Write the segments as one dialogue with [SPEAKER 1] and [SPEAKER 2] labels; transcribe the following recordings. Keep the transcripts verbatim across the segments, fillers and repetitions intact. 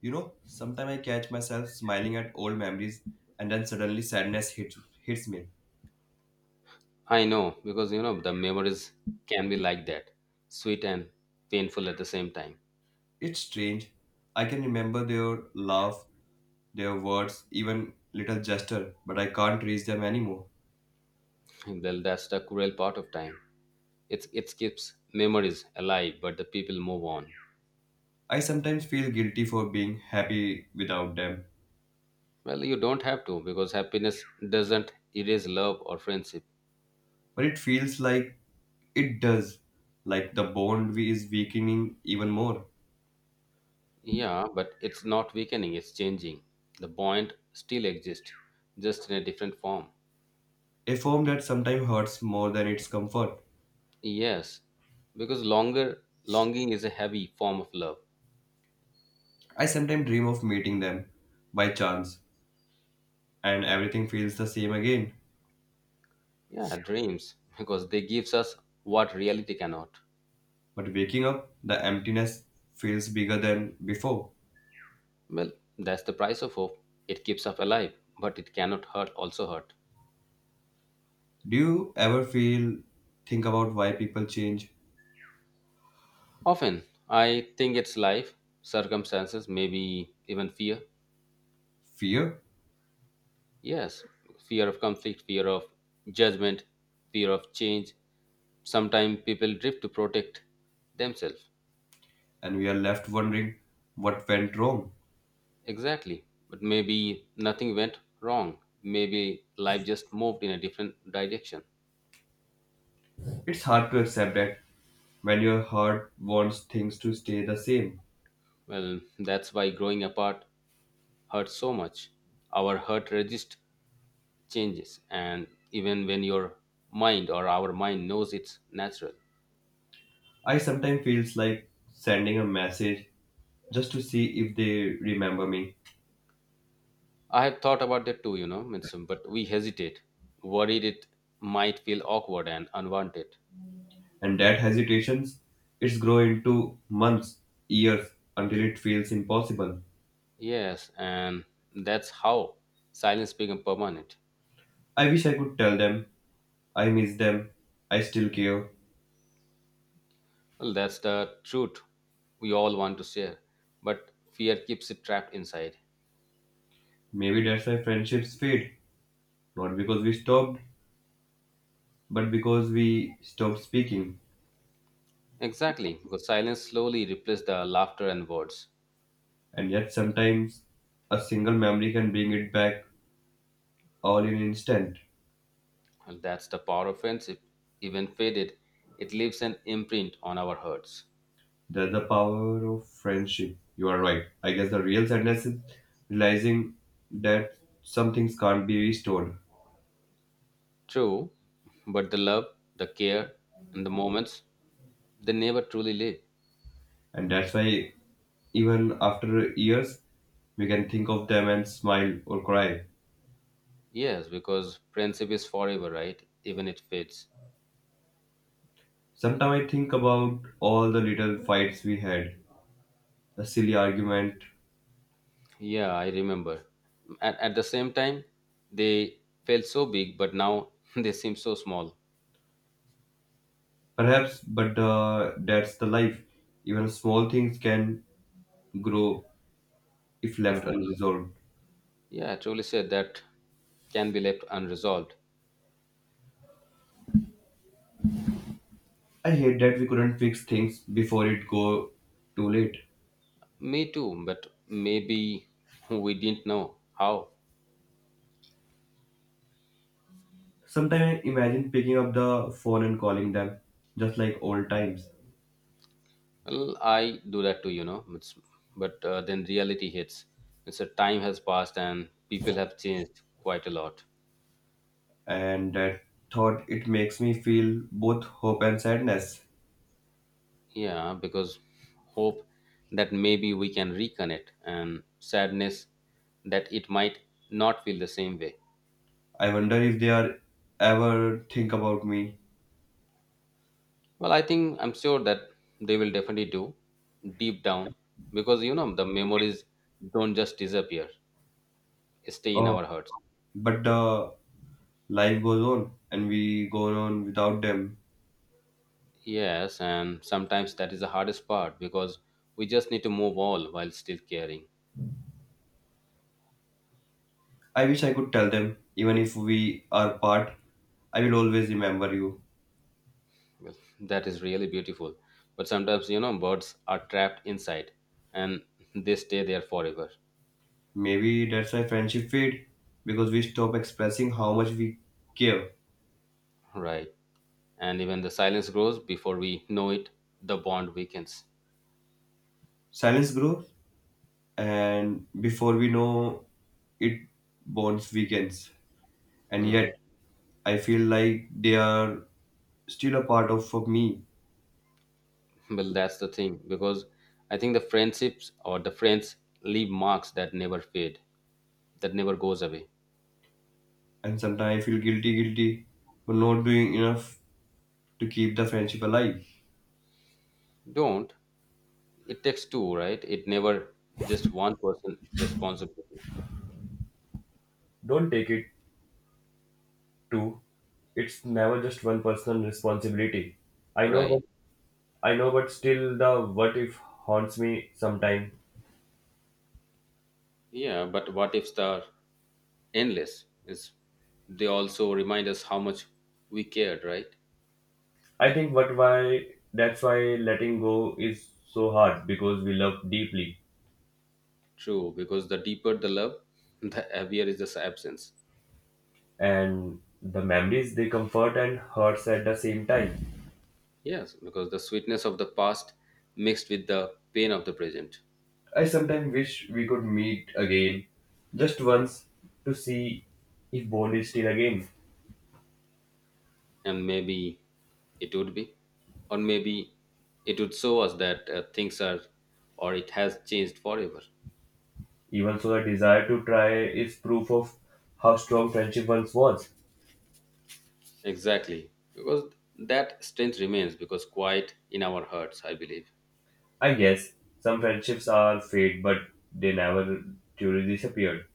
[SPEAKER 1] You know, sometimes I catch myself smiling at old memories and then suddenly sadness hits, hits me.
[SPEAKER 2] I know because you know the memories can be like that, sweet and painful at the same time.
[SPEAKER 1] It's strange. I can remember their laugh, their words, even little gesture, but I can't reach them anymore.
[SPEAKER 2] Well, that's the cruel part of time. It's it keeps memories alive, but the people move on.
[SPEAKER 1] I sometimes feel guilty for being happy without them,
[SPEAKER 2] Well, you don't have to because happiness doesn't erase love or friendship.
[SPEAKER 1] but it feels like it does, like the bond we is weakening even more.
[SPEAKER 2] Yeah, but it's not weakening; it's changing. The bond still exists, just in a different form.
[SPEAKER 1] A form that sometimes hurts more than its comfort.
[SPEAKER 2] Yes, because longer longing is a heavy form of love.
[SPEAKER 1] I sometimes dream of meeting them by chance, and everything feels the same again.
[SPEAKER 2] Yeah, dreams, because they gives us what reality cannot.
[SPEAKER 1] But waking up, the emptiness feels bigger than before.
[SPEAKER 2] Well, that's the price of hope. It keeps us alive, but it cannot hurt also hurt.
[SPEAKER 1] Do you ever feel think about why people change
[SPEAKER 2] Often, I think it's life, circumstances, maybe even fear.
[SPEAKER 1] fear
[SPEAKER 2] Yes, fear of conflict, fear of judgment, fear of change. Sometimes people drift to protect themselves.
[SPEAKER 1] and we are left wondering what went wrong?
[SPEAKER 2] Exactly. But maybe nothing went wrong. Maybe life just moved in a different direction.
[SPEAKER 1] It's hard to accept that when your heart wants things to stay the same.
[SPEAKER 2] Well, that's why growing apart hurt so much. Our hurt register changes, and even when your mind or our mind knows it's natural.
[SPEAKER 1] I sometimes feels like sending a message just to see if they remember me.
[SPEAKER 2] I have thought about that too, you know, means, but we hesitate, worried it might feel awkward and unwanted.
[SPEAKER 1] And that hesitations, it's grow into months, years until it feels impossible.
[SPEAKER 2] Yes, and that's how silence becomes permanent.
[SPEAKER 1] I wish I could tell them I miss them, I still care.
[SPEAKER 2] Well, that's the truth we all want to share, but fear keeps it trapped inside.
[SPEAKER 1] Maybe that's why friendships fade, not because we stopped, but because we stopped speaking.
[SPEAKER 2] Exactly, because silence slowly replaced the laughter and words.
[SPEAKER 1] And yet, sometimes a single memory can bring it back all in an instant.
[SPEAKER 2] And that's the power of friendship. Even faded, it leaves an imprint on our hearts.
[SPEAKER 1] That's the power of friendship. You are right. I guess the real sadness is realizing that some things can't be restored,
[SPEAKER 2] True, but the love, the care, and the moments, they never truly live.
[SPEAKER 1] and that's why even after years, we can think of them and smile or cry.
[SPEAKER 2] Yes, because friendship is forever, right? Even it fades.
[SPEAKER 1] Sometimes I think about all the little fights we had, the silly argument,
[SPEAKER 2] Yeah, I remember. At, at the same time, they felt so big, but now they seem so small.
[SPEAKER 1] perhaps, but uh, that's the life. Even small things can grow if left
[SPEAKER 2] Mhm.
[SPEAKER 1] unresolved.
[SPEAKER 2] Yeah, truly said that can be left unresolved.
[SPEAKER 1] I hate that we couldn't fix things before it go too late.
[SPEAKER 2] Me too, but maybe we didn't know how.
[SPEAKER 1] Sometimes I imagine picking up the phone and calling them, just like old times.
[SPEAKER 2] Well, I do that too, you know. It's, but uh, then reality hits. It's a time has passed and people have changed quite a lot.
[SPEAKER 1] And that thought it makes me feel both hope and sadness.
[SPEAKER 2] Yeah, because hope that maybe we can reconnect and sadness that it might not feel the same way.
[SPEAKER 1] I wonder if they are ever think about me.
[SPEAKER 2] Well, I think I'm sure that they will definitely do deep down because you know the memories don't just disappear, stay in
[SPEAKER 1] Oh,
[SPEAKER 2] our hearts.
[SPEAKER 1] but uh, life goes on and we go on without them.
[SPEAKER 2] Yes, and sometimes that is the hardest part because we just need to move on while still caring.
[SPEAKER 1] I wish I could tell them, even if we are apart, I will always remember you.
[SPEAKER 2] Well, that is really beautiful. But sometimes, you know, birds are trapped inside and they stay there forever,
[SPEAKER 1] Maybe that's why friendship fade because we stop expressing how much we care.
[SPEAKER 2] right? And even the silence grows before we know it, the bond weakens.
[SPEAKER 1] Silence grows, and before we know it, bonds weakens. And yet,
[SPEAKER 2] hmm
[SPEAKER 1] I feel like they are still a part of of me.
[SPEAKER 2] Well, that's the thing because I think the friendships or the friends leave marks that never fade, that never goes away.
[SPEAKER 1] And sometimes I feel guilty, guilty for not doing enough to keep the friendship alive.
[SPEAKER 2] Don't. It takes two, right? It never just one person responsibility,
[SPEAKER 1] Don't take it too. I know,
[SPEAKER 2] right?
[SPEAKER 1] but I know, but the what if me sometime.
[SPEAKER 2] Yeah, but what if the endless. It's, they also remind us how much we cared, right?
[SPEAKER 1] I thought why that's why letting go is so hard because we love deeply
[SPEAKER 2] True, because the deeper the love, the heavier is the absence.
[SPEAKER 1] and the memories they comfort and hurts at the same time.
[SPEAKER 2] Yes, because the sweetness of the past mixed with the pain of the present.
[SPEAKER 1] I sometimes wish we could meet again, just once, to see if bond is still again.
[SPEAKER 2] And maybe it would be, or maybe it would show us that uh, things are, or it has changed forever.
[SPEAKER 1] Even so, the desire to try is proof of how strong friendship once was.
[SPEAKER 2] Exactly, because that strength remains because quiet in our hearts, I believe.
[SPEAKER 1] I guess some friendships are fade, but they never truly disappear.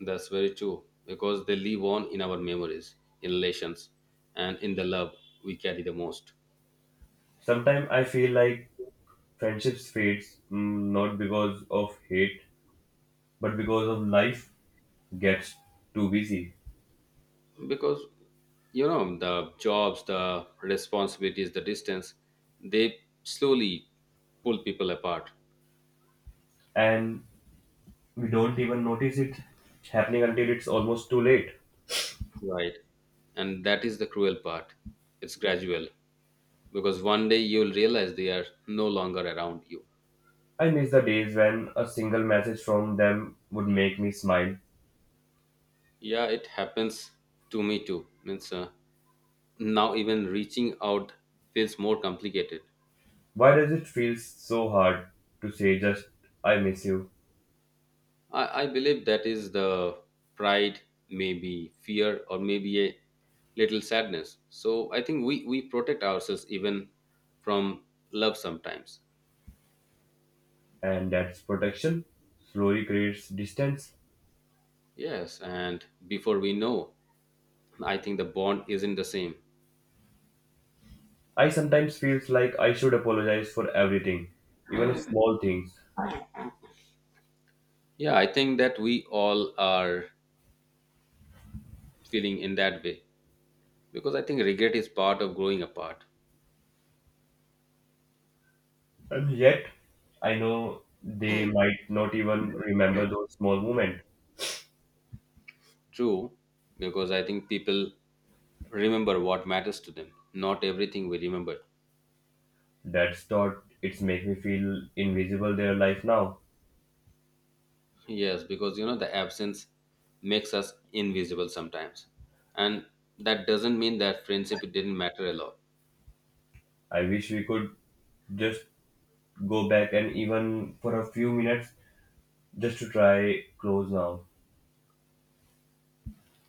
[SPEAKER 2] That's very true because they live on in our memories, in relations, and in the love we carry the most.
[SPEAKER 1] Sometimes I feel like friendships fades mm, not because of hate, but because of life gets too busy
[SPEAKER 2] Because you know the jobs, the responsibilities, the distance, they slowly pull people apart,
[SPEAKER 1] and we don't even notice it happening until it's almost too late.
[SPEAKER 2] right? And that is the cruel part. It's gradual because one day you'll realize they are no longer around you.
[SPEAKER 1] I miss the days when a single message from them would make me smile.
[SPEAKER 2] Yeah, it happens to me too. Means uh, now even reaching out feels more complicated.
[SPEAKER 1] Why does it feel so hard to say just I miss you?
[SPEAKER 2] I, I believe that is the pride, maybe fear, or maybe a little sadness. So I think we, we protect ourselves even from love sometimes.
[SPEAKER 1] And that's protection slowly creates distance.
[SPEAKER 2] Yes, and before we know, I think the bond isn't the same.
[SPEAKER 1] I sometimes feels like I should apologize for everything, even small things.
[SPEAKER 2] Yeah, I think that we all are feeling in that way because I think regret is part of growing apart.
[SPEAKER 1] And yet I know they might not even remember those small moments.
[SPEAKER 2] True, because I think people remember what matters to them, not everything we remember.
[SPEAKER 1] That's thought it's make me feel invisible their life now.
[SPEAKER 2] Yes, because you know the absence makes us invisible sometimes. And that doesn't mean that friendship didn't matter a lot.
[SPEAKER 1] I wish we could just go back and even for a few minutes just to try close now.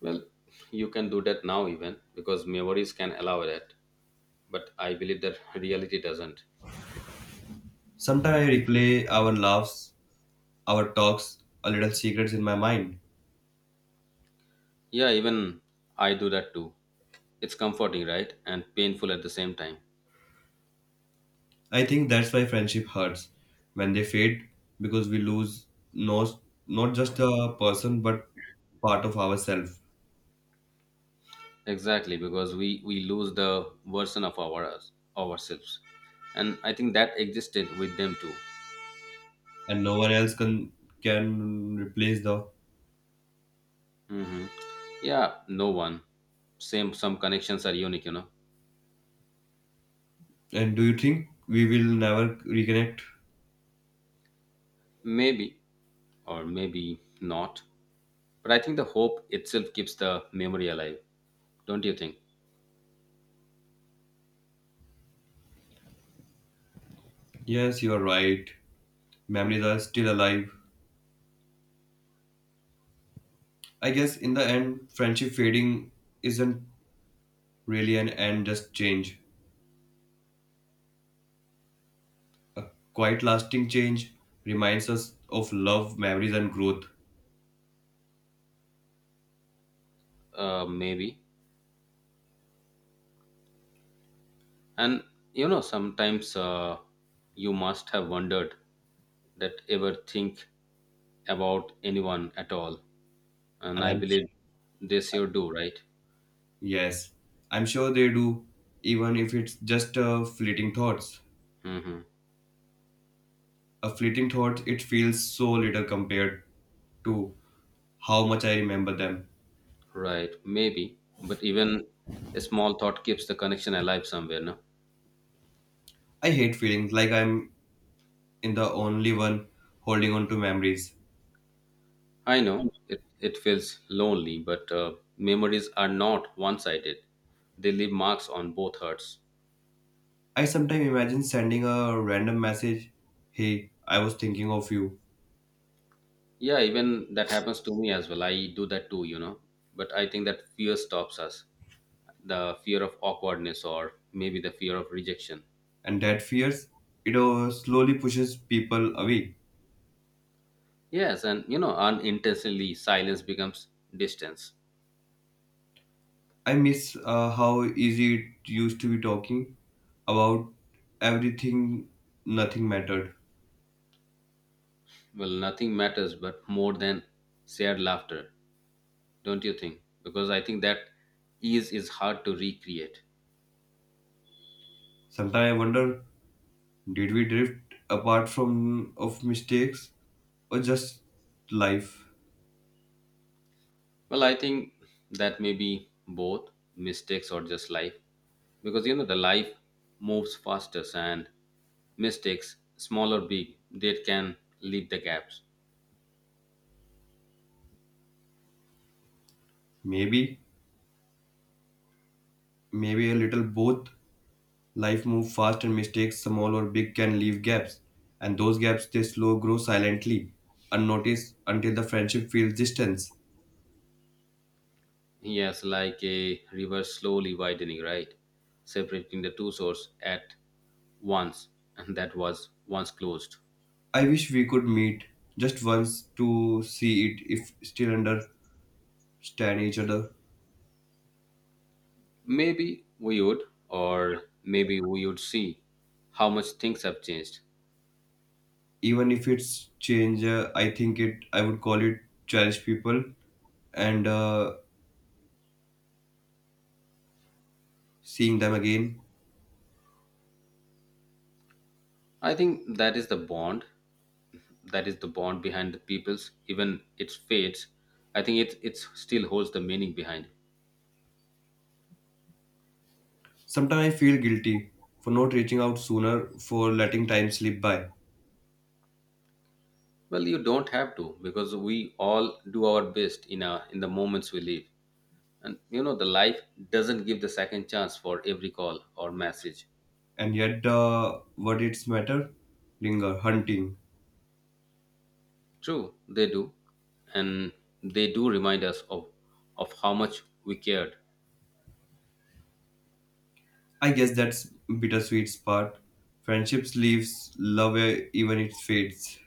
[SPEAKER 2] Well, you can do that now even because memories can allow that. But I believe that reality doesn't.
[SPEAKER 1] Sometimes I replay our laughs, our talks, our little secrets in my mind.
[SPEAKER 2] Yeah, even I do that too. It's comforting, right? And painful at the same time.
[SPEAKER 1] I think that's why friendship hurts when they fade because we lose no, not just a person but part of ourselves.
[SPEAKER 2] Exactly, because we we lose the version of our us- ourselves. And I think that existed with them too.
[SPEAKER 1] And no one else can can replace the.
[SPEAKER 2] hmm Yeah, no one. Same, some connections are unique, you know.
[SPEAKER 1] And do you think we will never reconnect?
[SPEAKER 2] Maybe or maybe not. But I think the hope itself keeps the memory alive, don't you think?
[SPEAKER 1] Yes, you are right. Memories are still alive. I guess in the end, friendship fading isn't really an end, just change. A quite lasting change reminds us of love, memories, and growth.
[SPEAKER 2] Uh, maybe. And you know, sometimes uh, you must have wondered that ever think about anyone at all. And
[SPEAKER 1] And
[SPEAKER 2] I
[SPEAKER 1] I'm,
[SPEAKER 2] believe this you do, right?
[SPEAKER 1] yes, I'm sure they do, even if it's just a fleeting thoughts.
[SPEAKER 2] Mm-hmm.
[SPEAKER 1] A fleeting thought, it feels so little compared to how much I remember them.
[SPEAKER 2] Right, maybe. But even a small thought keeps the connection alive somewhere, no?
[SPEAKER 1] I hate feeling like I'm in the only one holding on to memories.
[SPEAKER 2] I know it, it feels lonely, but uh, memories are not one sided. They leave marks on both hearts.
[SPEAKER 1] I sometimes imagine sending a random message, hey, I was thinking of you,
[SPEAKER 2] Yeah, even that happens to me as well. I do that too, you know. But I think that fear stops us the fear of awkwardness or maybe the fear of rejection.
[SPEAKER 1] and that fears, it uh, slowly pushes people away.
[SPEAKER 2] Yes, and you know, unintentionally, silence becomes distance.
[SPEAKER 1] I miss uh, how easy it used to be talking about everything, nothing mattered.
[SPEAKER 2] Well, nothing matters but more than shared laughter, don't you think? Because I think that ease is hard to recreate.
[SPEAKER 1] Sometimes I wonder, did we drift apart from of mistakes or just life?
[SPEAKER 2] Well, I think that may be both mistakes or just life because you know the life moves fastest and mistakes, small or big, they can leave the gaps.
[SPEAKER 1] Maybe, maybe a little both. Life moves fast and mistakes, small or big, can leave gaps. And those gaps, they slow grow silently, unnoticed until the friendship feels distance.
[SPEAKER 2] Yes, like a river slowly widening, right? Separating the two shores at once, and that was once closed.
[SPEAKER 1] I wish we could meet just once to see it if still understand each other.
[SPEAKER 2] Maybe we would, or maybe we would see how much things have changed.
[SPEAKER 1] Even if it's change, uh, I think it, I would call it cherish people and uh, seeing them again.
[SPEAKER 2] I think that is the bond that is the bond behind the peoples even its fates. I think it it still holds the meaning behind.
[SPEAKER 1] Sometimes I feel guilty for not reaching out sooner, for letting time slip by.
[SPEAKER 2] Well, you don't have to because we all do our best in our in the moments we live, and you know the life doesn't give the second chance for every call or message.
[SPEAKER 1] And yet the verdicts matter linger hunting.
[SPEAKER 2] True, they do, and they do remind us of of how much we cared.
[SPEAKER 1] I guess that's bittersweet part friendships leaves love eh, even it fades.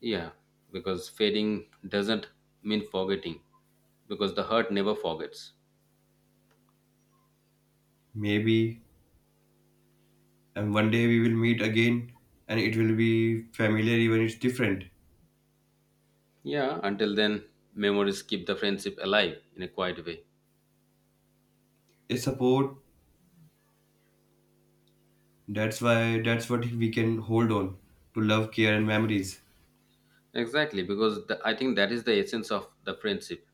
[SPEAKER 2] Yeah, because fading doesn't mean forgetting because the hurt never forgets.
[SPEAKER 1] Maybe and one day we will meet again and it will be familiar even it's different.
[SPEAKER 2] Yeah, until then, memories keep the friendship alive in a quiet way.
[SPEAKER 1] A support that's why that's what we can hold on to love care and memories.
[SPEAKER 2] Exactly, because the, I think that is the essence of the friendship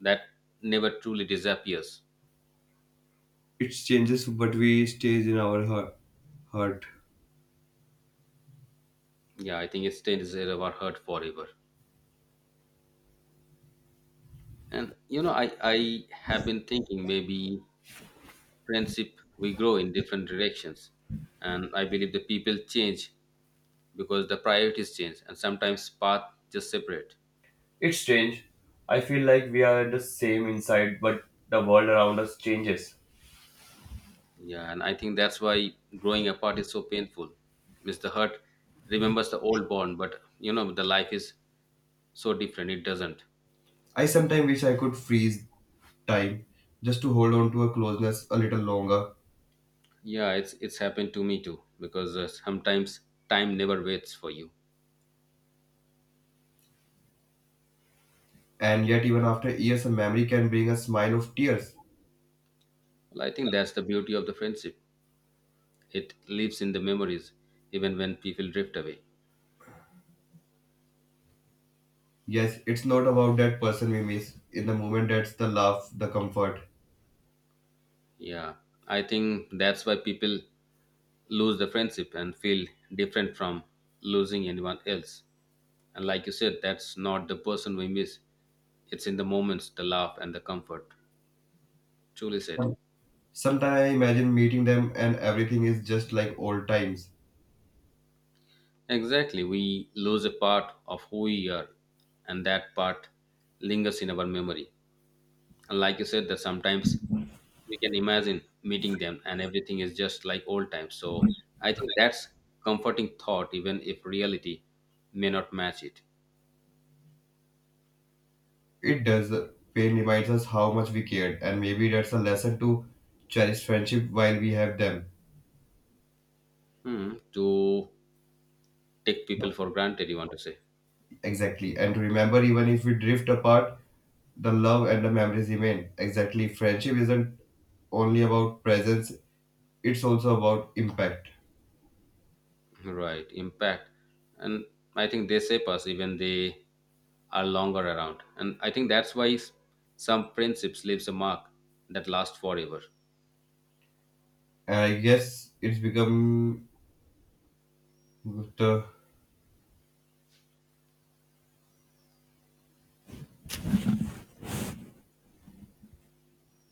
[SPEAKER 2] that never truly disappears.
[SPEAKER 1] It changes but we stays in our heart heart
[SPEAKER 2] Yeah, I think it stays in our heart forever. And you know, I, I have been thinking maybe friendship we grow in different directions. And I believe the people change because the priorities change and sometimes path just separate.
[SPEAKER 1] It's strange. I feel like we are the same inside but the world around us changes.
[SPEAKER 2] Yeah, and I think that's why growing apart is so painful. Mister Hurt remembers the old bond, but you know the life is so different. It doesn't.
[SPEAKER 1] I sometimes wish I could freeze time just to hold on to a closeness a little longer.
[SPEAKER 2] Yeah, it's it's happened to me too because uh, sometimes time never waits for you.
[SPEAKER 1] And yet, even after years, a memory can bring a smile of tears.
[SPEAKER 2] Well, I think that's the beauty of the friendship. It lives in the memories, even when people drift away.
[SPEAKER 1] Yes, it's not about that person we miss in the moment, that's the laugh, the comfort.
[SPEAKER 2] Yeah, I think that's why people lose the friendship and feel different from losing anyone else. And like you said, that's not the person we miss. It's in the moments, the laugh, and the comfort. Truly said.
[SPEAKER 1] Some- Sometimes I imagine meeting them and everything is just like old times.
[SPEAKER 2] Exactly, we lose a part of who we are, and that part lingers in our memory. And like you said, that sometimes we can imagine meeting them and everything is just like old times. So I think that's comforting thought, even if reality may not match it.
[SPEAKER 1] It does. Pain reminds us how much we cared, and maybe that's a lesson to cherish friendship while we have them.
[SPEAKER 2] Hmm. To take people for granted, you want to say,
[SPEAKER 1] Exactly. And remember, even if we drift apart, the love and the memories remain. Exactly. Friendship isn't only about presence, it's also about impact.
[SPEAKER 2] right? Impact, and I think they shape us even they are longer around, and I think that's why s- some friendships leaves a mark that lasts forever.
[SPEAKER 1] And I guess it's become the